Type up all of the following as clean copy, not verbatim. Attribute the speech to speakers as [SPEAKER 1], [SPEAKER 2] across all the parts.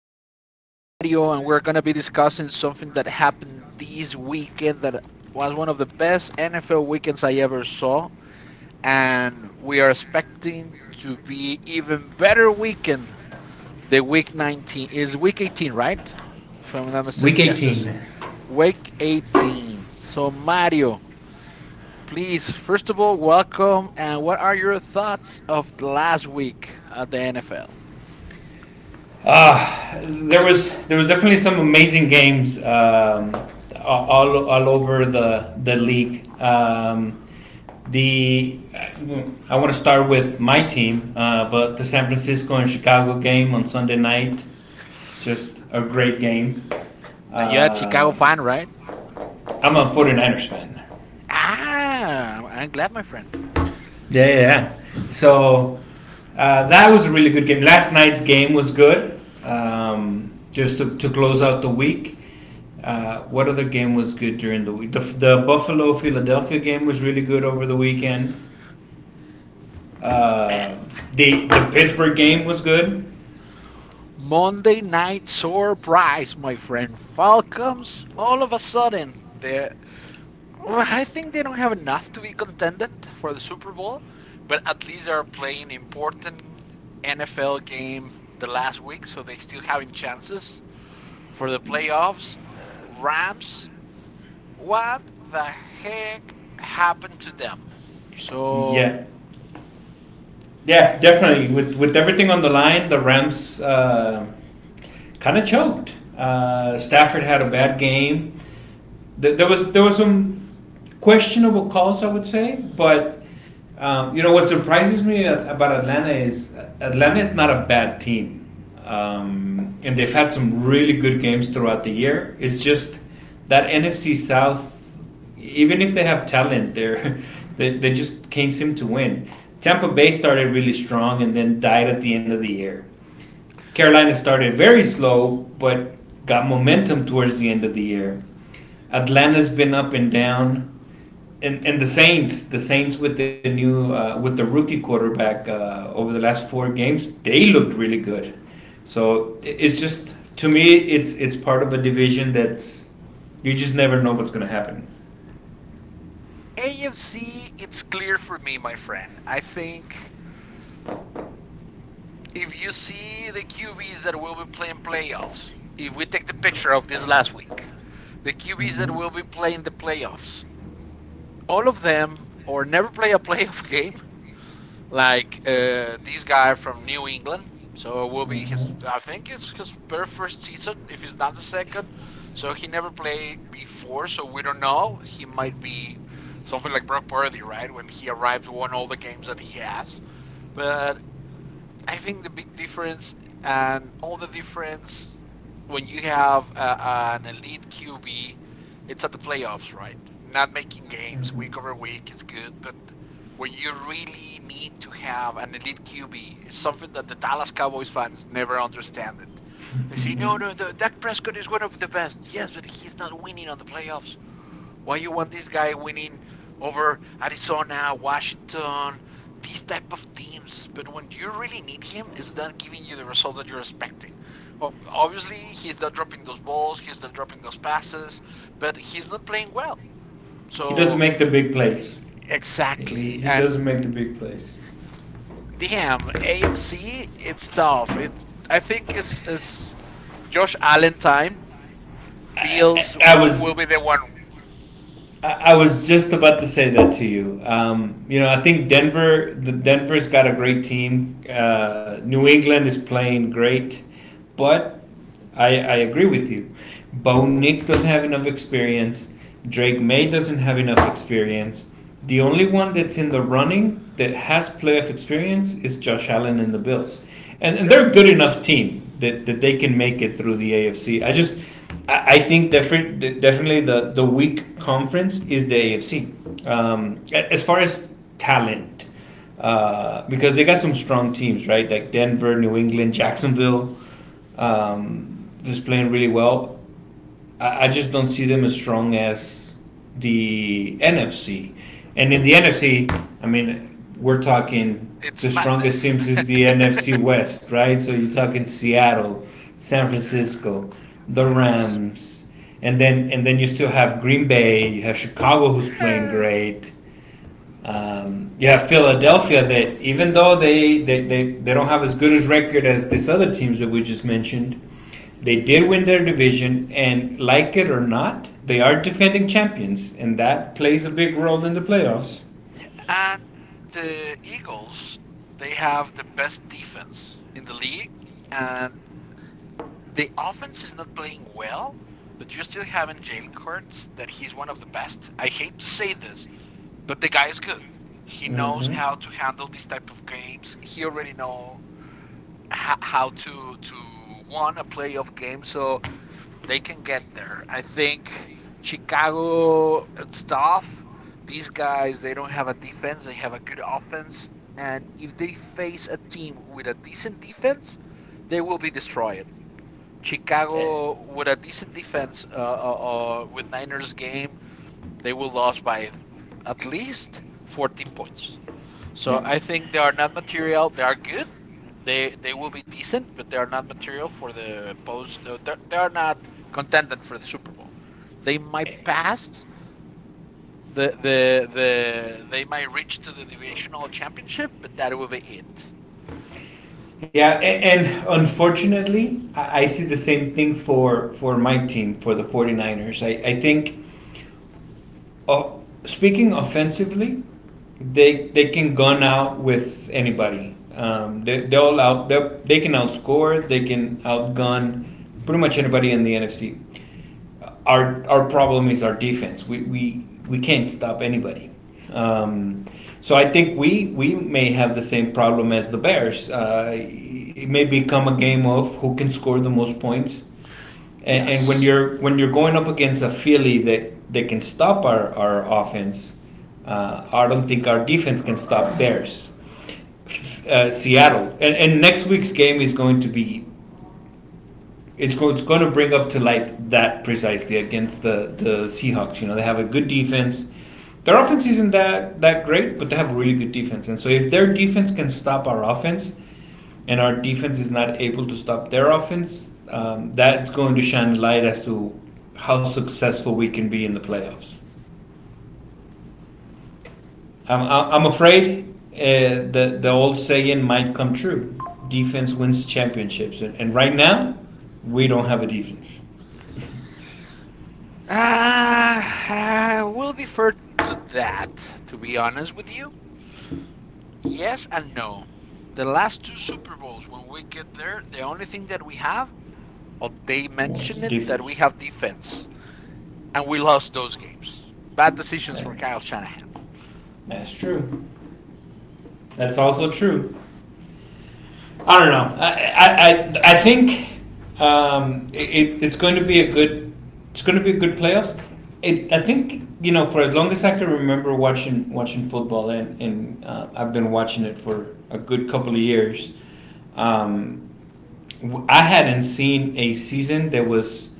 [SPEAKER 1] tonight. We have Mario, and we're going to be discussing something that happened this weekend that was one of the best NFL weekends I ever saw. And we are expecting to be even better weekend. The week 19 is week 18, right? If I'm not
[SPEAKER 2] Week
[SPEAKER 1] mistaken, yes,
[SPEAKER 2] 18.
[SPEAKER 1] it's week 18. So, Mario, please, first of all, welcome. And what are your thoughts of last week at the NFL?
[SPEAKER 2] There was definitely some amazing games. All over the league. The I want to start with my team, but the San Francisco and Chicago game on Sunday night, just a great game.
[SPEAKER 1] And you're a Chicago
[SPEAKER 2] Uh,
[SPEAKER 1] fan, right?
[SPEAKER 2] I'm a 49ers fan.
[SPEAKER 1] Ah, I'm glad, my friend.
[SPEAKER 2] Yeah, yeah, yeah. So that was a really good game. Last night's game was good. Just to close out the week. What other game was good during the week? The Buffalo Philadelphia game was really good over the weekend.
[SPEAKER 1] Eh,
[SPEAKER 2] Uh, the Pittsburgh game was good.
[SPEAKER 1] Monday night surprise, my friend. Falcons, all of a sudden, they well, I think they don't have enough to be contendent for the Super Bowl, but at least they're playing important NFL game the last week, so they still having chances for the playoffs. Rams, what the heck happened to them? So
[SPEAKER 2] Yeah, yeah, definitely. With everything on the line, the Rams kind of choked. Stafford had a bad game. There was some questionable calls, I would say, but you know what surprises me about Atlanta is not a bad team, and they've had some really good games throughout the year. It's just that NFC South, even if they have talent, they just can't seem to win. Tampa Bay started really strong and then died at the end of the year. Carolina started very slow, but got momentum towards the end of the year. Atlanta's been up and down, and the Saints with the new with the rookie quarterback over the last four games, they looked really good. So it's just to me, it's part of a division that's you just never know what's going to happen.
[SPEAKER 1] AFC, it's clear for me, my friend. I think if you see the QBs that will be playing playoffs, if we take the picture of this last week, the QBs that
[SPEAKER 2] Mm-hmm.
[SPEAKER 1] will be playing the playoffs, all of them or never play a playoff game like this guy from New England. So it will be his.
[SPEAKER 2] Mm-hmm.
[SPEAKER 1] I think it's his very first season, if it's not the second. So he never played before, so we don't know. He might be something like Brock Purdy, right? When he arrives, won all the games that he has. But I think the big difference and all the difference when you have an elite QB, it's at the playoffs, right? Not making games
[SPEAKER 2] Mm-hmm.
[SPEAKER 1] week over week is good, but when you really need to have an elite QB, it's something that the Dallas Cowboys fans never understand it. They say, no, no, Dak Prescott is one of the best. Yes, but he's not winning on the playoffs. Why you want this guy winning over Arizona, Washington, these type of teams? But when you really need him, is not giving you the results that you're expecting. Obviously, he's not dropping those balls, he's not dropping those passes, but he's not playing well.
[SPEAKER 2] He doesn't
[SPEAKER 1] So
[SPEAKER 2] make the big plays. He,
[SPEAKER 1] exactly,
[SPEAKER 2] he
[SPEAKER 1] and
[SPEAKER 2] doesn't make the big plays.
[SPEAKER 1] damn, AFC, it's tough. It's I think it's Josh Allen time. Bills
[SPEAKER 2] I
[SPEAKER 1] will
[SPEAKER 2] was
[SPEAKER 1] be the one.
[SPEAKER 2] I, was just about to say that to you. You know, I think Denver, the Denver's got a great team. New England is playing great, but I agree with you. Bo Nix doesn't have enough experience. Drake May doesn't have enough experience. The only one that's in the running that has playoff experience is Josh Allen and the Bills. And
[SPEAKER 1] Yep,
[SPEAKER 2] they're a good enough team that they can make it through the AFC. I just, I think definitely the weak conference is the AFC. As far as talent, because they got some strong teams, right? Like Denver, New England, Jacksonville is playing really well. I just don't see them as strong as the NFC. And in the NFC, I mean, we're talking
[SPEAKER 1] it's
[SPEAKER 2] the strongest
[SPEAKER 1] madness.
[SPEAKER 2] teams is the NFC West, right? So you're talking Seattle, San
[SPEAKER 1] Yeah,
[SPEAKER 2] Francisco, the
[SPEAKER 1] Rams.
[SPEAKER 2] Rams, and then you still have Green Bay, you have Chicago who's playing great. Yeah, Philadelphia. That even though they don't have as good as record as these other teams that we just mentioned, they did win their division, and like it or not, they are defending champions, and that plays a big role in the playoffs.
[SPEAKER 1] And the Eagles, they have the best defense in the league, and the offense is not playing well. But you're still having Jalen Hurts, that he's one of the best. I hate to say this, but the guy is good. He knows
[SPEAKER 2] Mm-hmm.
[SPEAKER 1] how to handle these type of games. He already know how to won a playoff game. So they can get there. I think Chicago, it's tough. These guys, they don't have a defense. They have a good offense. And if they face a team with a decent defense, they will be destroyed. Chicago, with a decent defense, with Niners game, they will lose by at least 14 points. So
[SPEAKER 2] Yeah,
[SPEAKER 1] I think they are not material. They are good. They will be decent, but they are not material for the post. Not contending for the Super Bowl. They might pass the. They might reach to the divisional championship, but that will be it.
[SPEAKER 2] yeah, and unfortunately, I see the same thing for my team for the 49ers. I think uh, speaking offensively, they can gun out with anybody. Um, they can outscore, they can outgun pretty much anybody in the NFC. Our problem is our defense. We can't stop anybody. Um, so I think we may have the same problem as the Bears. It may become a game of who can score the most points and when
[SPEAKER 1] Yes.
[SPEAKER 2] you're going up against a Philly that can stop our offense, I don't think our defense can stop theirs. Seattle and next week's game is going to be it's going to bring up to light that precisely against the Seahawks. You know, they have a good defense. Their offense isn't that great, but they have a really good defense. And so if their defense can stop our offense and our defense is not able to stop their offense, that's going to shine light as to how successful we can be in the playoffs. I'm afraid the old saying might come true: defense wins championships. And right now, we don't have a defense.
[SPEAKER 1] Uh, we'll defer to that. To be honest with you, yes and no. The last two Super Bowls, when we get there, the only thing that we have or they
[SPEAKER 2] What is
[SPEAKER 1] mention
[SPEAKER 2] the
[SPEAKER 1] it that we
[SPEAKER 2] defense?
[SPEAKER 1] have defense, and we lost those games. Bad decisions
[SPEAKER 2] That,
[SPEAKER 1] for Kyle Shanahan.
[SPEAKER 2] that's true. That's also true. I don't know. I think it's going to be a good it's going to be a good playoffs. It, I think you know for as long as I can remember watching football, and I've been watching it for a good couple of years. Um, I hadn't seen a season that was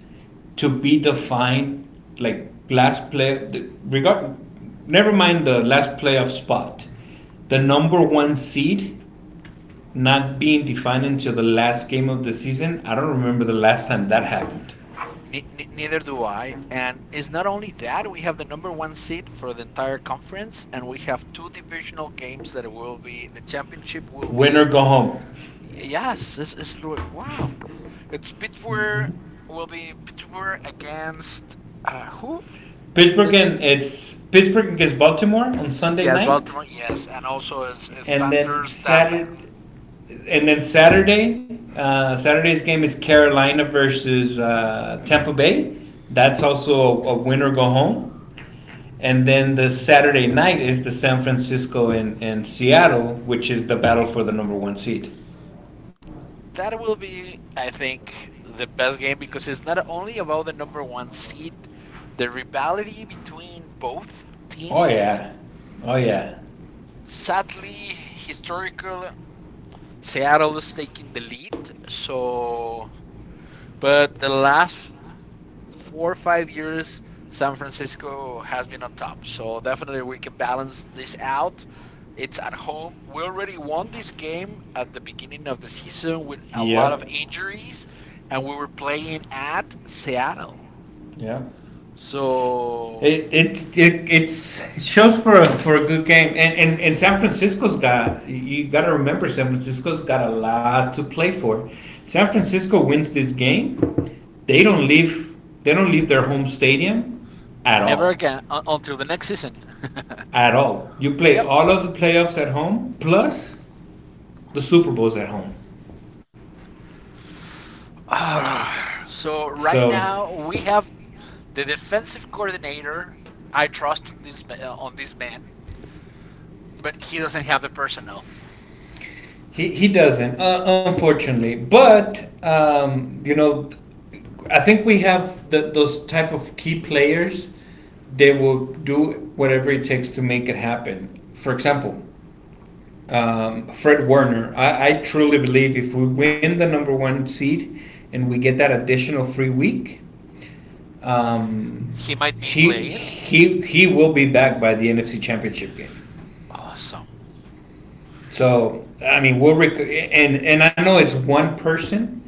[SPEAKER 2] to be defined, like last play the, regard never mind the last playoff spot, the number one seed not being defined until the last game of the season. I don't remember the last time that happened.
[SPEAKER 1] Neither do I. And it's not only that, we have the number one seed for the entire conference, and we have two divisional games that will be the championship will
[SPEAKER 2] Winner
[SPEAKER 1] be.
[SPEAKER 2] go home.
[SPEAKER 1] Yes, it's wow. It's Pittsburgh will be Pittsburgh against who?
[SPEAKER 2] Pittsburgh
[SPEAKER 1] It's
[SPEAKER 2] and it's Pittsburgh against Baltimore on Sunday
[SPEAKER 1] Yes,
[SPEAKER 2] night.
[SPEAKER 1] Baltimore. Yes, and also is
[SPEAKER 2] and then
[SPEAKER 1] Panthers Tampa.
[SPEAKER 2] saturday and then Saturday's game is Carolina versus Tampa Bay. That's also a winner go home. And then the Saturday night is the San Francisco and Seattle, which is the battle for the number one seed.
[SPEAKER 1] That will be, I think, the best game because it's not only about the number one seed, the rivalry between both
[SPEAKER 2] Oh
[SPEAKER 1] teams.
[SPEAKER 2] yeah, oh yeah,
[SPEAKER 1] Sadly, historical Seattle is taking the lead. So, but the last 4 or 5 years, San Francisco has been on top. So definitely we can balance this out. It's at home. We already won this game at the beginning of the season with a lot of
[SPEAKER 2] yep,
[SPEAKER 1] injuries, and we were playing at Seattle.
[SPEAKER 2] yep.
[SPEAKER 1] So
[SPEAKER 2] It shows for a good game, and San Francisco's got you got to remember San Francisco's got a lot to play for. San Francisco wins this game, they don't leave they don't leave their home stadium at
[SPEAKER 1] never
[SPEAKER 2] all,
[SPEAKER 1] again until the next season.
[SPEAKER 2] at all. You play
[SPEAKER 1] Yep.
[SPEAKER 2] all of the playoffs at home, plus the Super Bowl's at home.
[SPEAKER 1] Ah, so right
[SPEAKER 2] So
[SPEAKER 1] now we have the defensive coordinator. I trust on this man, but he doesn't have the personnel.
[SPEAKER 2] he doesn't, unfortunately. But, you know, I think we have the, those type of key players. They will do whatever it takes to make it happen. For example, Fred Werner. I truly believe if we win the number one seed and we get that additional free week, um,
[SPEAKER 1] He might be
[SPEAKER 2] he
[SPEAKER 1] playing.
[SPEAKER 2] he he will be back by the NFC Championship game.
[SPEAKER 1] Awesome.
[SPEAKER 2] So I mean, and I know it's one person,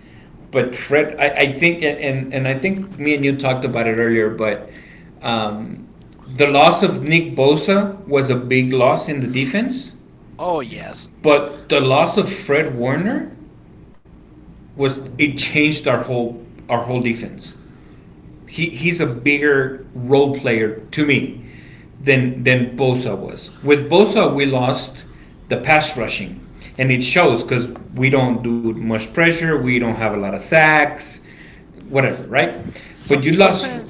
[SPEAKER 2] but Fred, I think and I think me and you talked about it earlier, but um, the loss of Nick Bosa was a big loss in the defense,
[SPEAKER 1] Oh yes.
[SPEAKER 2] but the loss of Fred Warner was it changed our whole defense. He's a bigger role player to me than Bosa was. With Bosa, we lost the pass rushing, and it shows because we don't do much pressure. We don't have a lot of sacks, whatever, right? But
[SPEAKER 1] So,
[SPEAKER 2] you lost
[SPEAKER 1] something.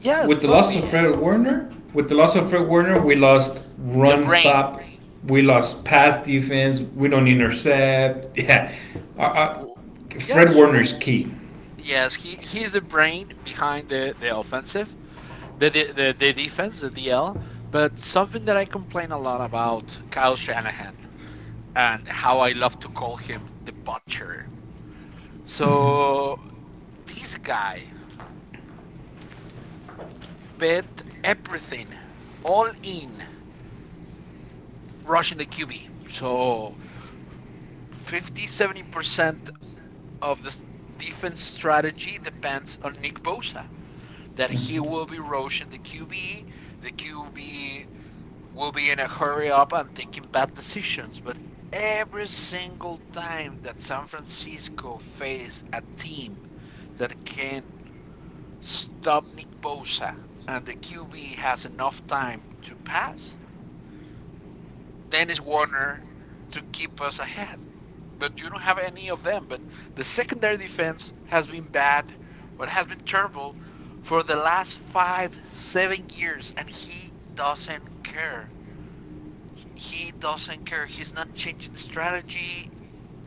[SPEAKER 1] Yes,
[SPEAKER 2] with the loss
[SPEAKER 1] totally,
[SPEAKER 2] of
[SPEAKER 1] yeah.
[SPEAKER 2] Fred Warner. With the loss of Fred Warner, we lost
[SPEAKER 1] The
[SPEAKER 2] run
[SPEAKER 1] brain.
[SPEAKER 2] stop. We lost pass defense. We don't intercept. Yeah, our, our, Fred
[SPEAKER 1] Yes.
[SPEAKER 2] Warner is key.
[SPEAKER 1] Yes. He's the brain behind the defense, the DL. But something that I complain a lot about Kyle Shanahan and how I love to call him the butcher. So this guy bet everything all in rushing the QB. So 50, 70% of the defense strategy depends on Nick Bosa, that he will be rushing the QB. The QB will be in a hurry up and taking bad decisions. But every single time that San Francisco face a team that can stop Nick Bosa and the QB has enough time to pass, Dennis Warner to keep us ahead. But you don't have any of them. But the secondary defense has been bad or has been terrible for the last five, 7 years, and he doesn't care. He doesn't care. He's not changing strategy.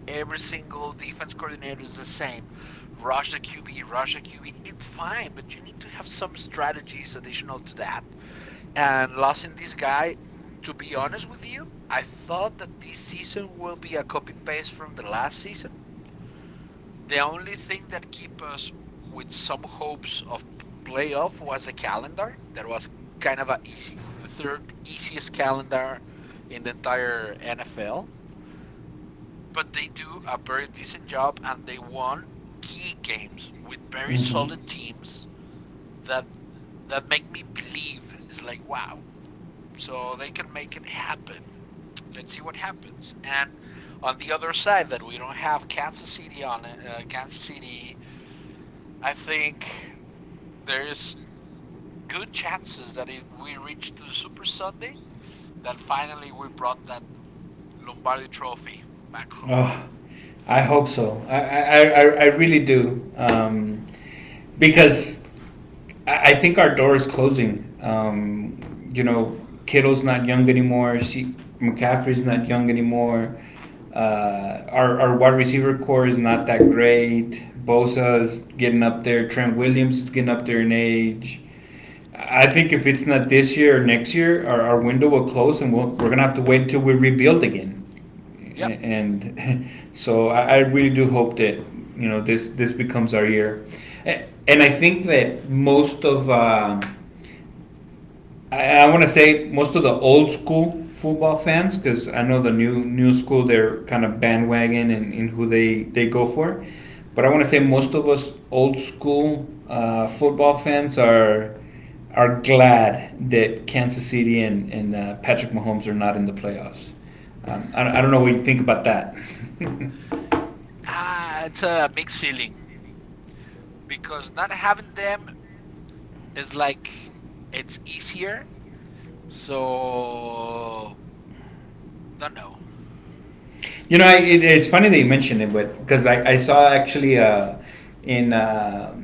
[SPEAKER 1] Every single defense coordinator is the same. Rush the QB, rush the QB. It's fine, but you need to have some strategies additional to that. And losing this guy, to be honest with you, I thought that this season will be a copy paste from the last season. The only thing that kept us with some hopes of playoff was a calendar. That was kind of a easy, the third easiest calendar in the entire NFL. But they do a very decent job, and they won key games with very
[SPEAKER 2] Mm-hmm.
[SPEAKER 1] solid teams that make me believe it's like wow. So they can make it happen. Let's see what happens. And on the other side, that we don't have Kansas City on it, Kansas City, I think there's good chances that if we reach to Super Sunday, that finally we brought that Lombardi trophy back home.
[SPEAKER 2] Oh, I hope so. I really do. Because think our door is closing. You know, Kittle's not young anymore. She, McCaffrey's not young anymore. Our wide receiver core is not that great. Bosa's getting up there. Trent Williams is getting up there in age. I think if it's not this year or next year, our window will close and we're going to have to wait until we rebuild again,
[SPEAKER 1] Yep.
[SPEAKER 2] and so really do hope that you know this becomes our year, and I think that most of I want to say most of the old school football fans, because I know the new school they're kind of bandwagon and in who they go for. But I want to say most of us old school football fans are glad that Kansas City and Patrick Mahomes are not in the playoffs. I don't know what you think about that. You
[SPEAKER 1] Ah, it's a mixed feeling because not having them is like it's easier. So, don't know.
[SPEAKER 2] know, it's funny that you mentioned it, but because I saw actually in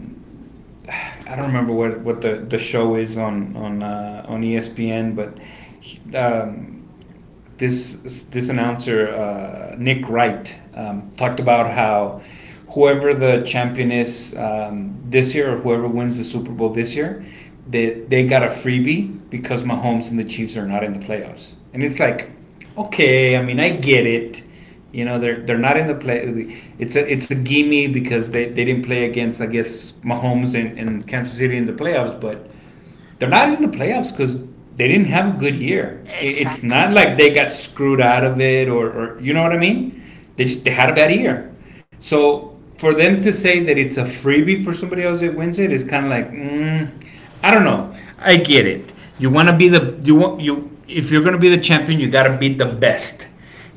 [SPEAKER 2] I don't remember what the show is on ESPN, but he, um, this announcer Nick Wright talked about how whoever the champion is this year or whoever wins the Super Bowl this year, they got a freebie because Mahomes and the Chiefs are not in the playoffs. And it's like, okay, I mean, I get it. You know, they're not in the play. It's a gimme because they didn't play against I guess Mahomes and Kansas City in the playoffs, but they're not in the playoffs because they didn't have a good year. It's not
[SPEAKER 1] Exactly.
[SPEAKER 2] like they
[SPEAKER 1] E-
[SPEAKER 2] got screwed out of it, or you know what I mean. They just they had a bad year. So for them to say that it's a freebie for somebody else that wins it is kind of like mm, I don't know. I get it. You want you if you're going to be the champion, you got to be the best.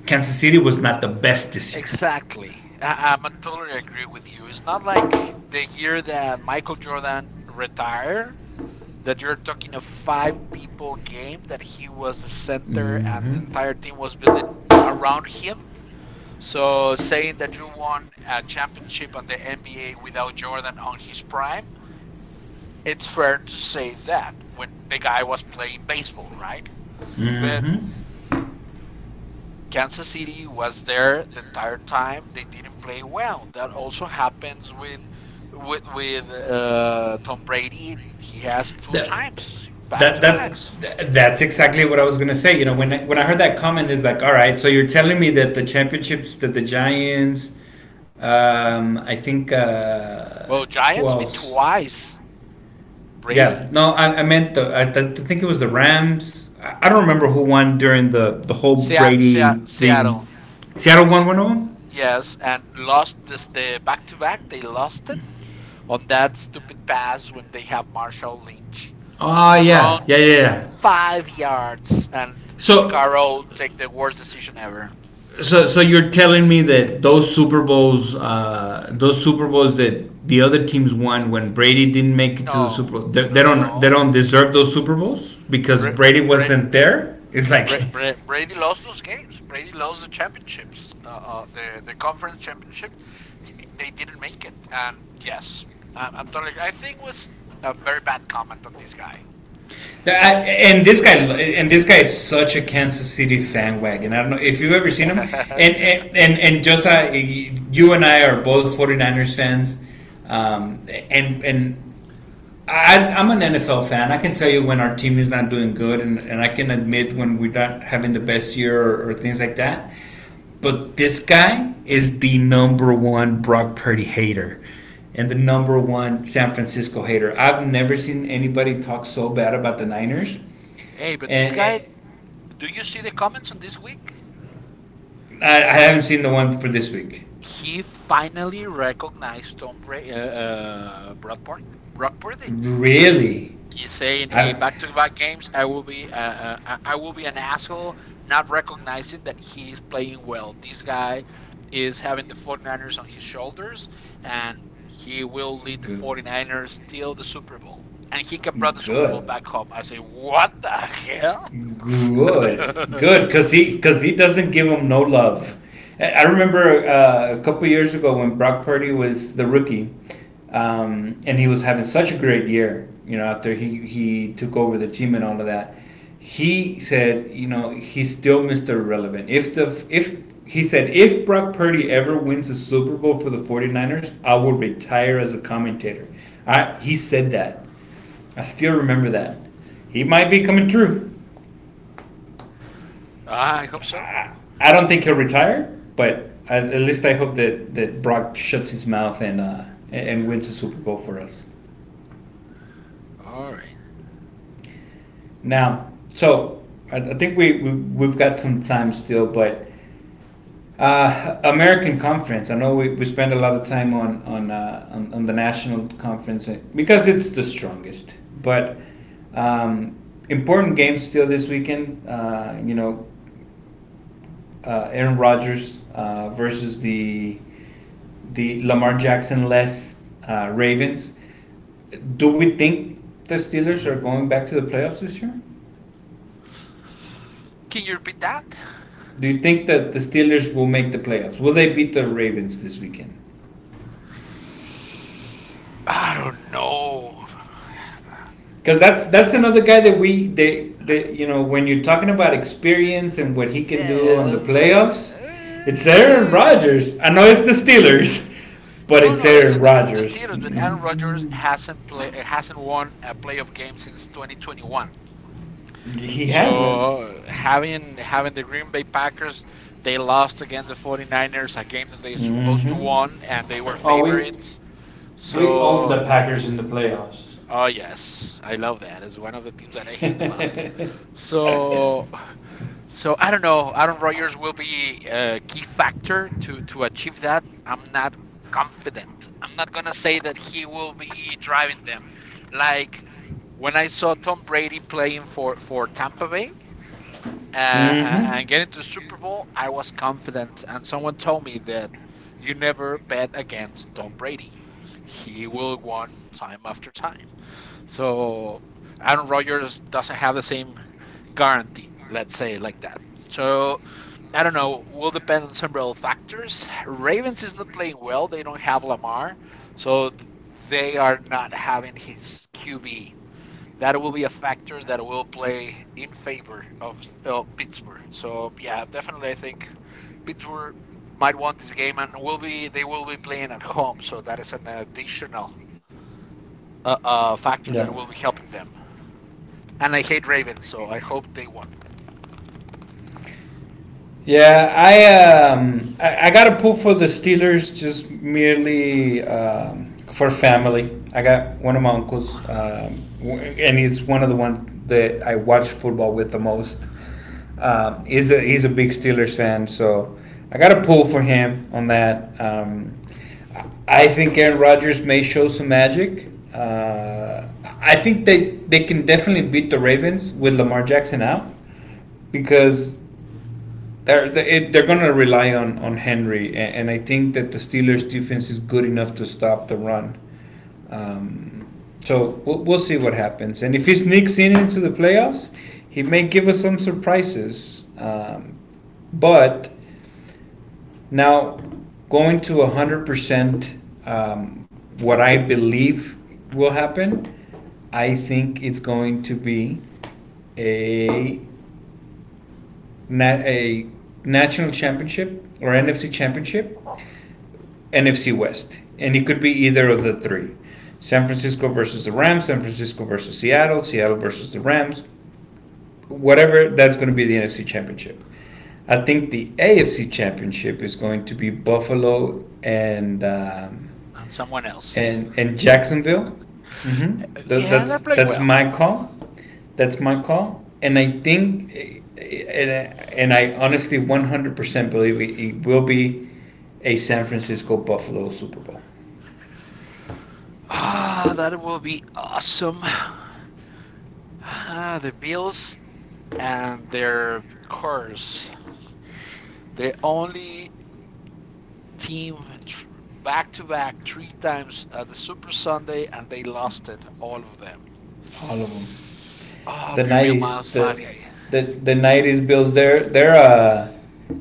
[SPEAKER 2] Kansas City was not the best this year.
[SPEAKER 1] Exactly. I'm totally agree with you. It's not like the year that Michael Jordan retired that you're talking a five people game that he was the center and
[SPEAKER 2] Mm-hmm.
[SPEAKER 1] the entire team was building around him. So saying that you won a championship on the NBA without Jordan on his prime, it's fair to say that when the guy was playing baseball, right? But
[SPEAKER 2] Mm-hmm.
[SPEAKER 1] Kansas City was there the entire time. They didn't play well. That also happens with Tom Brady. He has two
[SPEAKER 2] That
[SPEAKER 1] times back
[SPEAKER 2] that
[SPEAKER 1] to
[SPEAKER 2] that
[SPEAKER 1] backs.
[SPEAKER 2] that's exactly what I was gonna say. You know, when I heard that comment, is like, all right, so you're telling me that the championships that the Giants, I think,
[SPEAKER 1] Well,
[SPEAKER 2] who
[SPEAKER 1] Giants beat
[SPEAKER 2] else?
[SPEAKER 1] twice
[SPEAKER 2] Yeah,
[SPEAKER 1] Brady.
[SPEAKER 2] no, I meant I think it was the Rams. I don't remember who won during the whole
[SPEAKER 1] Seattle,
[SPEAKER 2] Brady thing.
[SPEAKER 1] Seattle,
[SPEAKER 2] Seattle won
[SPEAKER 1] S-
[SPEAKER 2] one of them.
[SPEAKER 1] yes, and lost this the back to back. They lost it on that stupid pass when they have Marshall Lynch
[SPEAKER 2] Oh
[SPEAKER 1] to run
[SPEAKER 2] yeah, yeah, yeah, yeah.
[SPEAKER 1] 5 yards and Pete
[SPEAKER 2] So
[SPEAKER 1] Carroll take the worst decision ever.
[SPEAKER 2] so you're telling me that those Super Bowls that the other teams won when Brady didn't make it to the Super
[SPEAKER 1] No,
[SPEAKER 2] Bowl, they,
[SPEAKER 1] no,
[SPEAKER 2] they
[SPEAKER 1] no,
[SPEAKER 2] don't, they
[SPEAKER 1] no.
[SPEAKER 2] don't deserve those Super Bowls because
[SPEAKER 1] Bra-
[SPEAKER 2] Brady
[SPEAKER 1] Bra-
[SPEAKER 2] wasn't there. It's like,
[SPEAKER 1] Brady lost those games. Brady lost the championships, the conference championship. They didn't make it, and yes, I'm totally. I think it was a very bad comment on this guy. And
[SPEAKER 2] and this guy is such a Kansas City fan wagon. I don't know if you've ever seen him. And
[SPEAKER 1] yeah.
[SPEAKER 2] and and, and just you and I are both 49ers fans, um, and and I'm an NFL fan. I can tell you when our team is not doing good, and I can admit when we're not having the best year, or things like that. But this guy is the number one Brock Purdy hater and the number one San Francisco hater. I've never seen anybody talk so bad about the Niners,
[SPEAKER 1] Hey, but this
[SPEAKER 2] and,
[SPEAKER 1] guy,
[SPEAKER 2] and
[SPEAKER 1] do you see the comments on this week?
[SPEAKER 2] I haven't seen the one for this week.
[SPEAKER 1] He finally recognized Tom Brady, Brock Purdy. Brock Purdy.
[SPEAKER 2] Really,
[SPEAKER 1] You saying a
[SPEAKER 2] I
[SPEAKER 1] back-to-back games, I will be an asshole not recognizing that he is playing well. This guy is having the 49ers on his shoulders, and he will lead the
[SPEAKER 2] good,
[SPEAKER 1] 49ers till the Super Bowl. And he can bring the Super Bowl
[SPEAKER 2] good.
[SPEAKER 1] back home. I say, what the hell?
[SPEAKER 2] Good, good, because he doesn't give him no love. I remember a couple years ago when Brock Purdy was the rookie, and he was having such a great year. You know, after he took over the team and all of that, he said, you know, he's still Mister Relevant. If the if he said if Brock Purdy ever wins the Super Bowl for the 49ers, I will retire as a commentator. He said that. I still remember that. He might be coming through.
[SPEAKER 1] I hope so.
[SPEAKER 2] I, I don't think he'll retire, but at least I hope that, that Brock shuts his mouth and wins the Super Bowl for us.
[SPEAKER 1] All right.
[SPEAKER 2] Now, so I think we've got some time still, but American Conference. I know we spend a lot of time on the national conference because it's the strongest, but um, important games still this weekend. You know, Aaron Rodgers versus the Lamar Jackson less Ravens. Do we think the Steelers are going back to the playoffs this year?
[SPEAKER 1] Can you repeat that?
[SPEAKER 2] Do you think that the Steelers will make the playoffs? Will they beat the Ravens this weekend?
[SPEAKER 1] I don't know.
[SPEAKER 2] Because that's another guy that they you know, when you're talking about experience and what he can do on the
[SPEAKER 1] Yeah, but
[SPEAKER 2] playoffs, it's
[SPEAKER 1] he
[SPEAKER 2] Aaron Rodgers. I know it's the Steelers, but
[SPEAKER 1] no
[SPEAKER 2] it's
[SPEAKER 1] no it's
[SPEAKER 2] Aaron
[SPEAKER 1] in in the
[SPEAKER 2] Rodgers.
[SPEAKER 1] Steelers, but Aaron Rodgers hasn't play hasn't won a playoff game since 2021.
[SPEAKER 2] He hasn't.
[SPEAKER 1] So having the Green Bay Packers, they lost against the 49ers, a game that they supposed to won
[SPEAKER 2] Mm-hmm.
[SPEAKER 1] and they were
[SPEAKER 2] Oh, we
[SPEAKER 1] favorites.
[SPEAKER 2] we owned
[SPEAKER 1] So
[SPEAKER 2] the Packers in the playoffs.
[SPEAKER 1] oh yes, I love that. It's one of the teams that I hate the most. So So I don't know. Aaron Rodgers will be a key factor to achieve that. I'm not confident. I'm not gonna say that he will be driving them. Like when I saw Tom Brady playing for Tampa Bay
[SPEAKER 2] Mm-hmm.
[SPEAKER 1] and getting to the Super Bowl, I was confident. And someone told me that you never bet against Tom Brady. He will win time after time. So Aaron Rodgers doesn't have the same guarantee. Let's say it like that. So I don't know. Will depend on several factors. Ravens is not playing well. They don't have Lamar, so they are not having his QB. That will be a factor that will play in favor of Pittsburgh. So yeah, definitely, I think Pittsburgh might want this game and will be they will be playing at home. So that is an additional factor
[SPEAKER 2] Yep.
[SPEAKER 1] that will be helping them. And I hate Ravens, so I hope they won
[SPEAKER 2] Yeah, I got a pull for the Steelers just merely for family. I got one of my uncles, and he's one of the ones that I watch football with the most. He's a big Steelers fan, so I got a pull for him on that. I think Aaron Rodgers may show some magic. I think they can definitely beat the Ravens with Lamar Jackson out because they are going to rely on Henry, and I think that the Steelers' defense is good enough to stop the run. Um, so we'll see what happens, and if he sneaks in into the playoffs, he may give us some surprises. But now, going to 100%, um, what I believe will happen, I think it's going to be a na- a national championship or NFC championship, NFC West, and it could be either of the three. San Francisco versus the Rams, San Francisco versus Seattle, Seattle versus the Rams, whatever, that's going to be the NFC Championship. I think the AFC Championship is going to be Buffalo and
[SPEAKER 1] on someone else.
[SPEAKER 2] Jacksonville. Mm-hmm. Th-
[SPEAKER 1] Yeah,
[SPEAKER 2] that's
[SPEAKER 1] they're playing
[SPEAKER 2] that's
[SPEAKER 1] well.
[SPEAKER 2] my call. That's my call. And I think, and and I honestly 100% believe it will be a San Francisco Buffalo Super Bowl.
[SPEAKER 1] Ah, that will be awesome. Ah, the Bills and their curse. The only team back to back three times at the Super Sunday, and they lost it, all of them.
[SPEAKER 2] All of them.
[SPEAKER 1] Oh,
[SPEAKER 2] The
[SPEAKER 1] Pure Bill
[SPEAKER 2] '90s,
[SPEAKER 1] Miles
[SPEAKER 2] the
[SPEAKER 1] 5. Hey,
[SPEAKER 2] the the '90s Bills. They're they're uh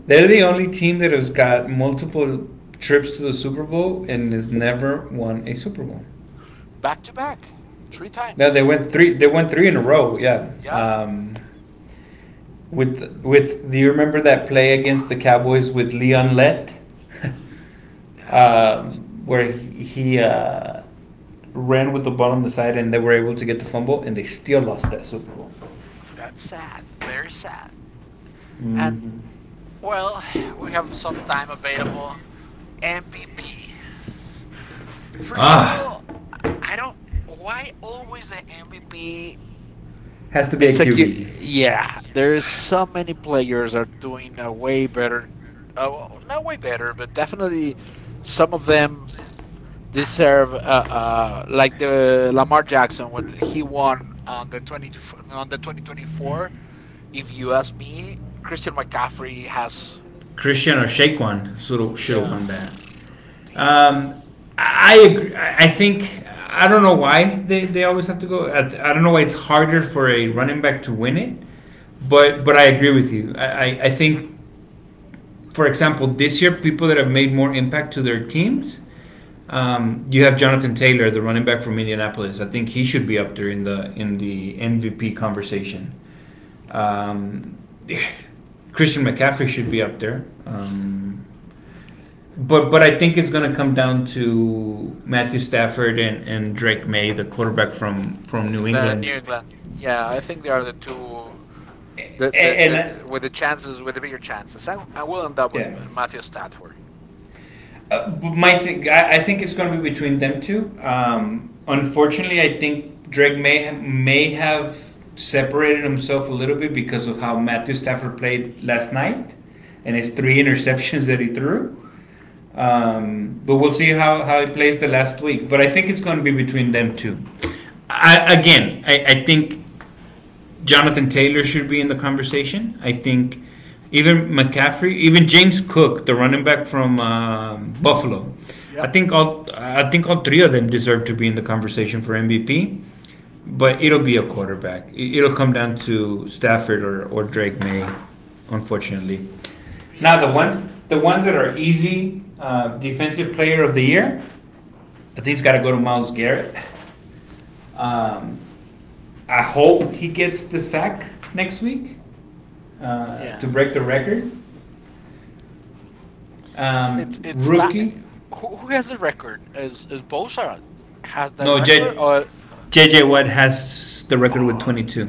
[SPEAKER 2] they're the only team that has got multiple trips to the Super Bowl and has never won a Super Bowl.
[SPEAKER 1] back to back, three
[SPEAKER 2] Now they
[SPEAKER 1] times.
[SPEAKER 2] went three. They won three in a row. Yeah.
[SPEAKER 1] Yeah.
[SPEAKER 2] With do you remember that play against
[SPEAKER 1] Wow.
[SPEAKER 2] the Cowboys with Leon Lett,
[SPEAKER 1] No,
[SPEAKER 2] where he ran with the ball on the side and they were able to get the fumble and they still lost that Super Bowl.
[SPEAKER 1] that's sad. Very sad. And, well, we have some time available. MVP. First of
[SPEAKER 2] Ah,
[SPEAKER 1] all, I don't. Why always the MVP?
[SPEAKER 2] has to be
[SPEAKER 1] It's
[SPEAKER 2] a
[SPEAKER 1] like you,
[SPEAKER 2] QB.
[SPEAKER 1] yeah. There's so many players are doing a way better, uh, not way better, but definitely some of them deserve like the Lamar Jackson when he won on the 20 on the 2024. If you ask me, Christian McCaffrey has.
[SPEAKER 2] Christian or Shaquan should have
[SPEAKER 1] Yeah,
[SPEAKER 2] won that.
[SPEAKER 1] damn.
[SPEAKER 2] Um, I agree. I think I don't know why they always have to go. I don't know why it's harder for a running back to win it, but I agree with you. I think for example, this year, people that have made more impact to their teams. You have Jonathan Taylor, the running back from Indianapolis. I think he should be up there in the MVP conversation. Um, Christian McCaffrey should be up there. But I think it's going to come down to Matthew Stafford and, Drake May, the quarterback from,
[SPEAKER 1] Yeah,
[SPEAKER 2] New
[SPEAKER 1] the New
[SPEAKER 2] England.
[SPEAKER 1] England. Yeah, I think they are the two. The,
[SPEAKER 2] A-
[SPEAKER 1] the,
[SPEAKER 2] And, uh,
[SPEAKER 1] the, with the chances, with the bigger chances. I will end up with
[SPEAKER 2] yeah,
[SPEAKER 1] Matthew Stafford.
[SPEAKER 2] My thing, I think it's going to be between them two. Unfortunately, I think Drake may have separated himself a little bit because of how Matthew Stafford played last night and his three interceptions that he threw. But we'll see how he plays the last week. But I think it's going to be between them two. Again, I think Jonathan Taylor should be in the conversation. I think even McCaffrey, even James Cook, the running back from Buffalo.
[SPEAKER 1] Yep.
[SPEAKER 2] I think all three of them deserve to be in the conversation for MVP. But it'll be a quarterback. It'll come down to Stafford or, Drake May, unfortunately. Now the
[SPEAKER 1] Yeah.
[SPEAKER 2] ones the ones that are easy, defensive player of the year, I think it's got to go to Miles Garrett. Um, I hope he gets the sack next week to
[SPEAKER 1] Yeah.
[SPEAKER 2] break the record.
[SPEAKER 1] It's it's that.
[SPEAKER 2] Rookie,
[SPEAKER 1] Who has the record? Is Bosa has that
[SPEAKER 2] no,
[SPEAKER 1] record
[SPEAKER 2] J-
[SPEAKER 1] or
[SPEAKER 2] J. J Watt has the record with
[SPEAKER 1] oh,
[SPEAKER 2] 22.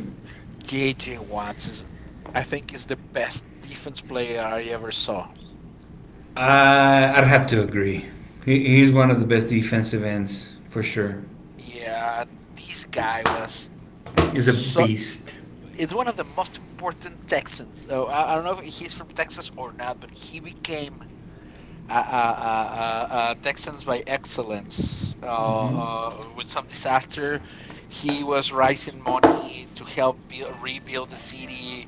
[SPEAKER 1] J J Watts is I think is the best defense player I ever saw.
[SPEAKER 2] I'd have to agree. He's one of the best defensive ends for sure.
[SPEAKER 1] Yeah, this guy was
[SPEAKER 2] He's a
[SPEAKER 1] so
[SPEAKER 2] beast.
[SPEAKER 1] it's one of the most important Texans. Oh, I don't know if he's from Texas or not, but he became uh, uh, uh, Texans by excellence. With some disaster, he was raising money to help build, rebuild the city.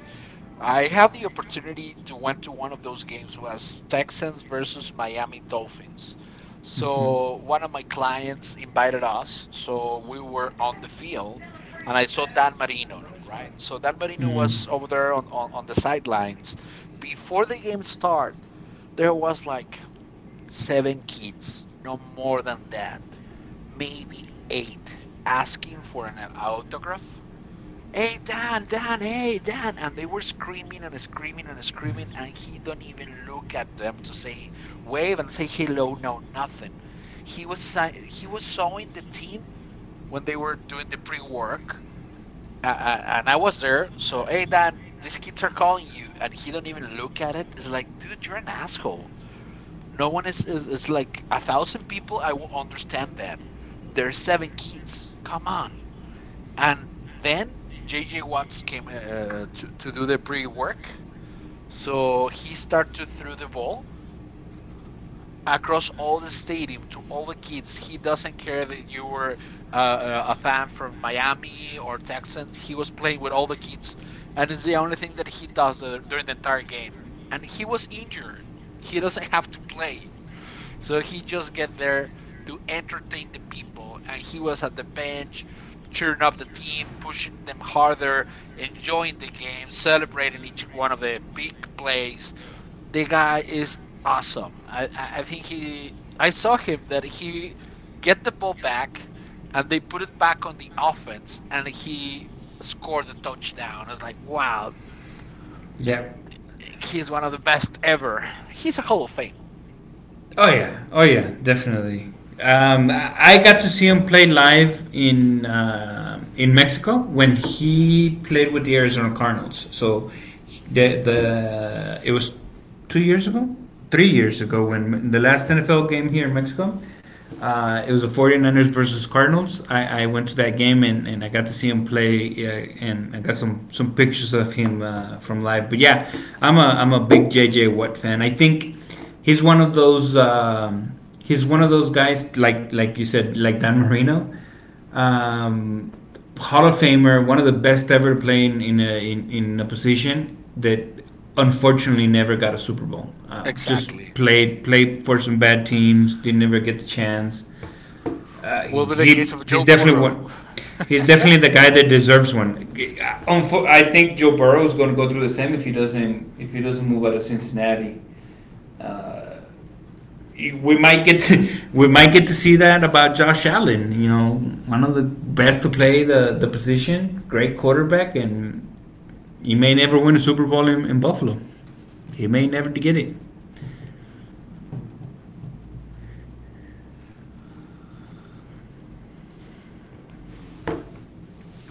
[SPEAKER 1] I have the opportunity to went to one of those games was Texans versus Miami Dolphins. So one of my clients invited us, so we were on the field, and I saw Dan Marino, right? So Dan Marino
[SPEAKER 2] Mm.
[SPEAKER 1] was over there on, on the sidelines. Before the game started, there was like seven kids, no more than that, maybe eight, asking for an autograph. Hey Dan, Dan, hey Dan, and they were screaming and screaming and screaming, and he don't even look at them to say wave and say hello, no nothing. He was showing the team when they were doing the pre-work, and I was there. So hey Dan, these kids are calling you, and he don't even look at it. It's like, dude, you're an asshole. No one is like a thousand people. I will understand that. There's seven kids. Come on. And then JJ Watts came to, do the pre work. So he started to throw the ball across all the stadium to all the kids. He doesn't care that you were a fan from Miami or Texans. He was playing with all the kids, and it's the only thing that he does during the entire game. And he was injured. He doesn't have to play. So he just get there to entertain the people, and he was at the bench, cheering up the team, pushing them harder, enjoying the game, celebrating each one of the big plays. The guy is awesome. I think he. I saw him that he get the ball back, and they put it back on the offense, and he scored a touchdown. I was like, wow,
[SPEAKER 2] Yeah.
[SPEAKER 1] he's one of the best ever. He's a Hall of Fame.
[SPEAKER 2] Oh yeah, oh yeah, definitely. I got to see him play live in Mexico when he played with the Arizona Cardinals. So the it was 2 years ago, 3 years ago, when the last NFL game here in Mexico. It was the 49ers versus Cardinals. I went to that game and, I got to see him play and I got some pictures of him from live. But yeah, I'm a big JJ Watt fan. I think he's one of those he's one of those guys like you said, like Dan Marino, um, Hall of Famer, one of the best ever playing in a in a position that unfortunately never got a Super Bowl. Just
[SPEAKER 1] Exactly.
[SPEAKER 2] played for some bad teams, didn't ever get the chance. Uh,
[SPEAKER 1] Will be the case
[SPEAKER 2] he
[SPEAKER 1] of
[SPEAKER 2] he's
[SPEAKER 1] Joe
[SPEAKER 2] definitely
[SPEAKER 1] Burrow.
[SPEAKER 2] one. He's definitely the guy that deserves one. I think Joe Burrow is going to go through the same if he doesn't move out of Cincinnati. Uh, we might get to, we might get to see that about Josh Allen. You know, one of the best to play the position, great quarterback, and he may never win a Super Bowl in, Buffalo. He may never get it.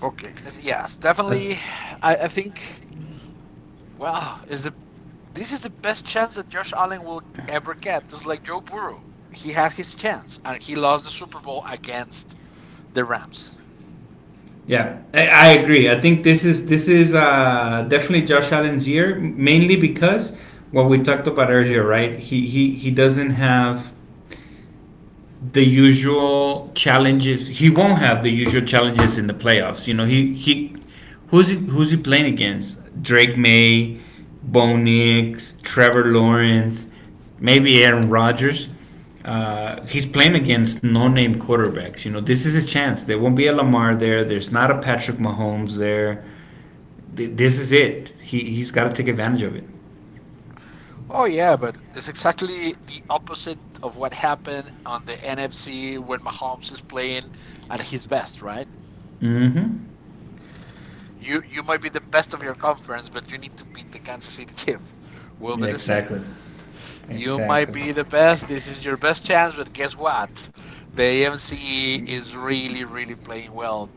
[SPEAKER 1] Okay. Yes,
[SPEAKER 2] Uh,
[SPEAKER 1] definitely. I think. Well, is the this is the best chance that Josh Allen will ever get. Just like Joe Burrow, he had his chance and he lost the Super Bowl against the Rams.
[SPEAKER 2] I agree. I think this is definitely Josh Allen's year, mainly because what we talked about earlier, right? He doesn't have the usual challenges. He won't have the usual challenges in the playoffs. You know, who's he playing against? Drake May, Bo Nix, Trevor Lawrence, maybe Aaron Rodgers. He's playing against no-name quarterbacks. You know, this is his chance. There won't be a Lamar there. There's not a Patrick Mahomes there. This is it. He's got to take advantage of it.
[SPEAKER 1] Oh yeah, but it's exactly the opposite of what happened on the NFC when Mahomes is playing at his best, right?
[SPEAKER 2] Mm-hmm.
[SPEAKER 1] You might be the best of your conference, but you need to beat the Kansas City Chiefs. Will be
[SPEAKER 2] Yeah,
[SPEAKER 1] the same.
[SPEAKER 2] exactly.
[SPEAKER 1] You might
[SPEAKER 2] Exactly.
[SPEAKER 1] be the best. This is your best chance, but guess what? The AMC is really, really playing well.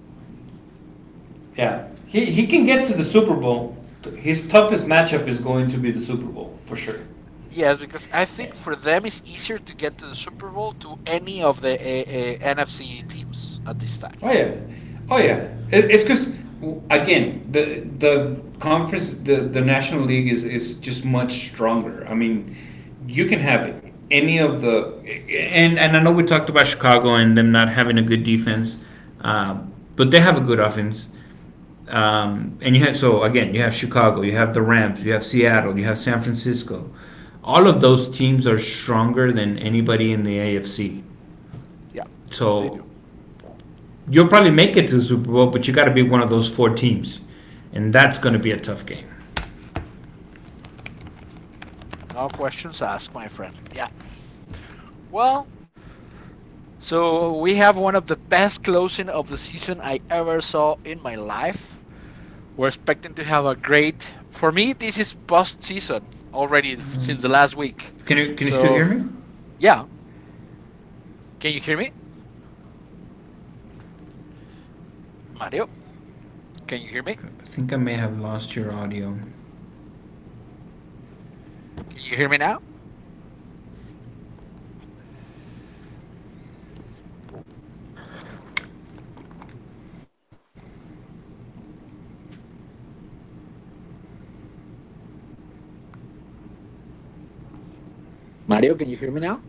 [SPEAKER 2] Yeah, he can get to the Super Bowl. His toughest matchup is going to be the Super Bowl for sure.
[SPEAKER 1] Yes, because I think for them it's easier to get to the Super Bowl to any of the NFC teams at this time.
[SPEAKER 2] Oh yeah, oh yeah. It's because again, the conference the national league is just much stronger. I mean, you can have any of the and I know we talked about Chicago and them not having a good defense, uh, but they have a good offense. And you have, so again, you have Chicago, you have the Rams, you have Seattle, you have San Francisco. All of those teams are stronger than anybody in the AFC.
[SPEAKER 1] Yeah, they
[SPEAKER 2] So
[SPEAKER 1] do.
[SPEAKER 2] you'll probably make it to the Super Bowl, but you got to be one of those four teams, and that's going to be a tough game.
[SPEAKER 1] No questions asked, my friend. Yeah. Well, so we have one of the best closing of the season I ever saw in my life. We're expecting to have a great. For me, this is post-season already since the last week.
[SPEAKER 2] Can you still hear
[SPEAKER 1] So
[SPEAKER 2] me?
[SPEAKER 1] yeah. Can you hear me? Mario, can you hear me?
[SPEAKER 2] I think I may have lost your audio.
[SPEAKER 1] Can you hear me now? Mario, can you hear me now?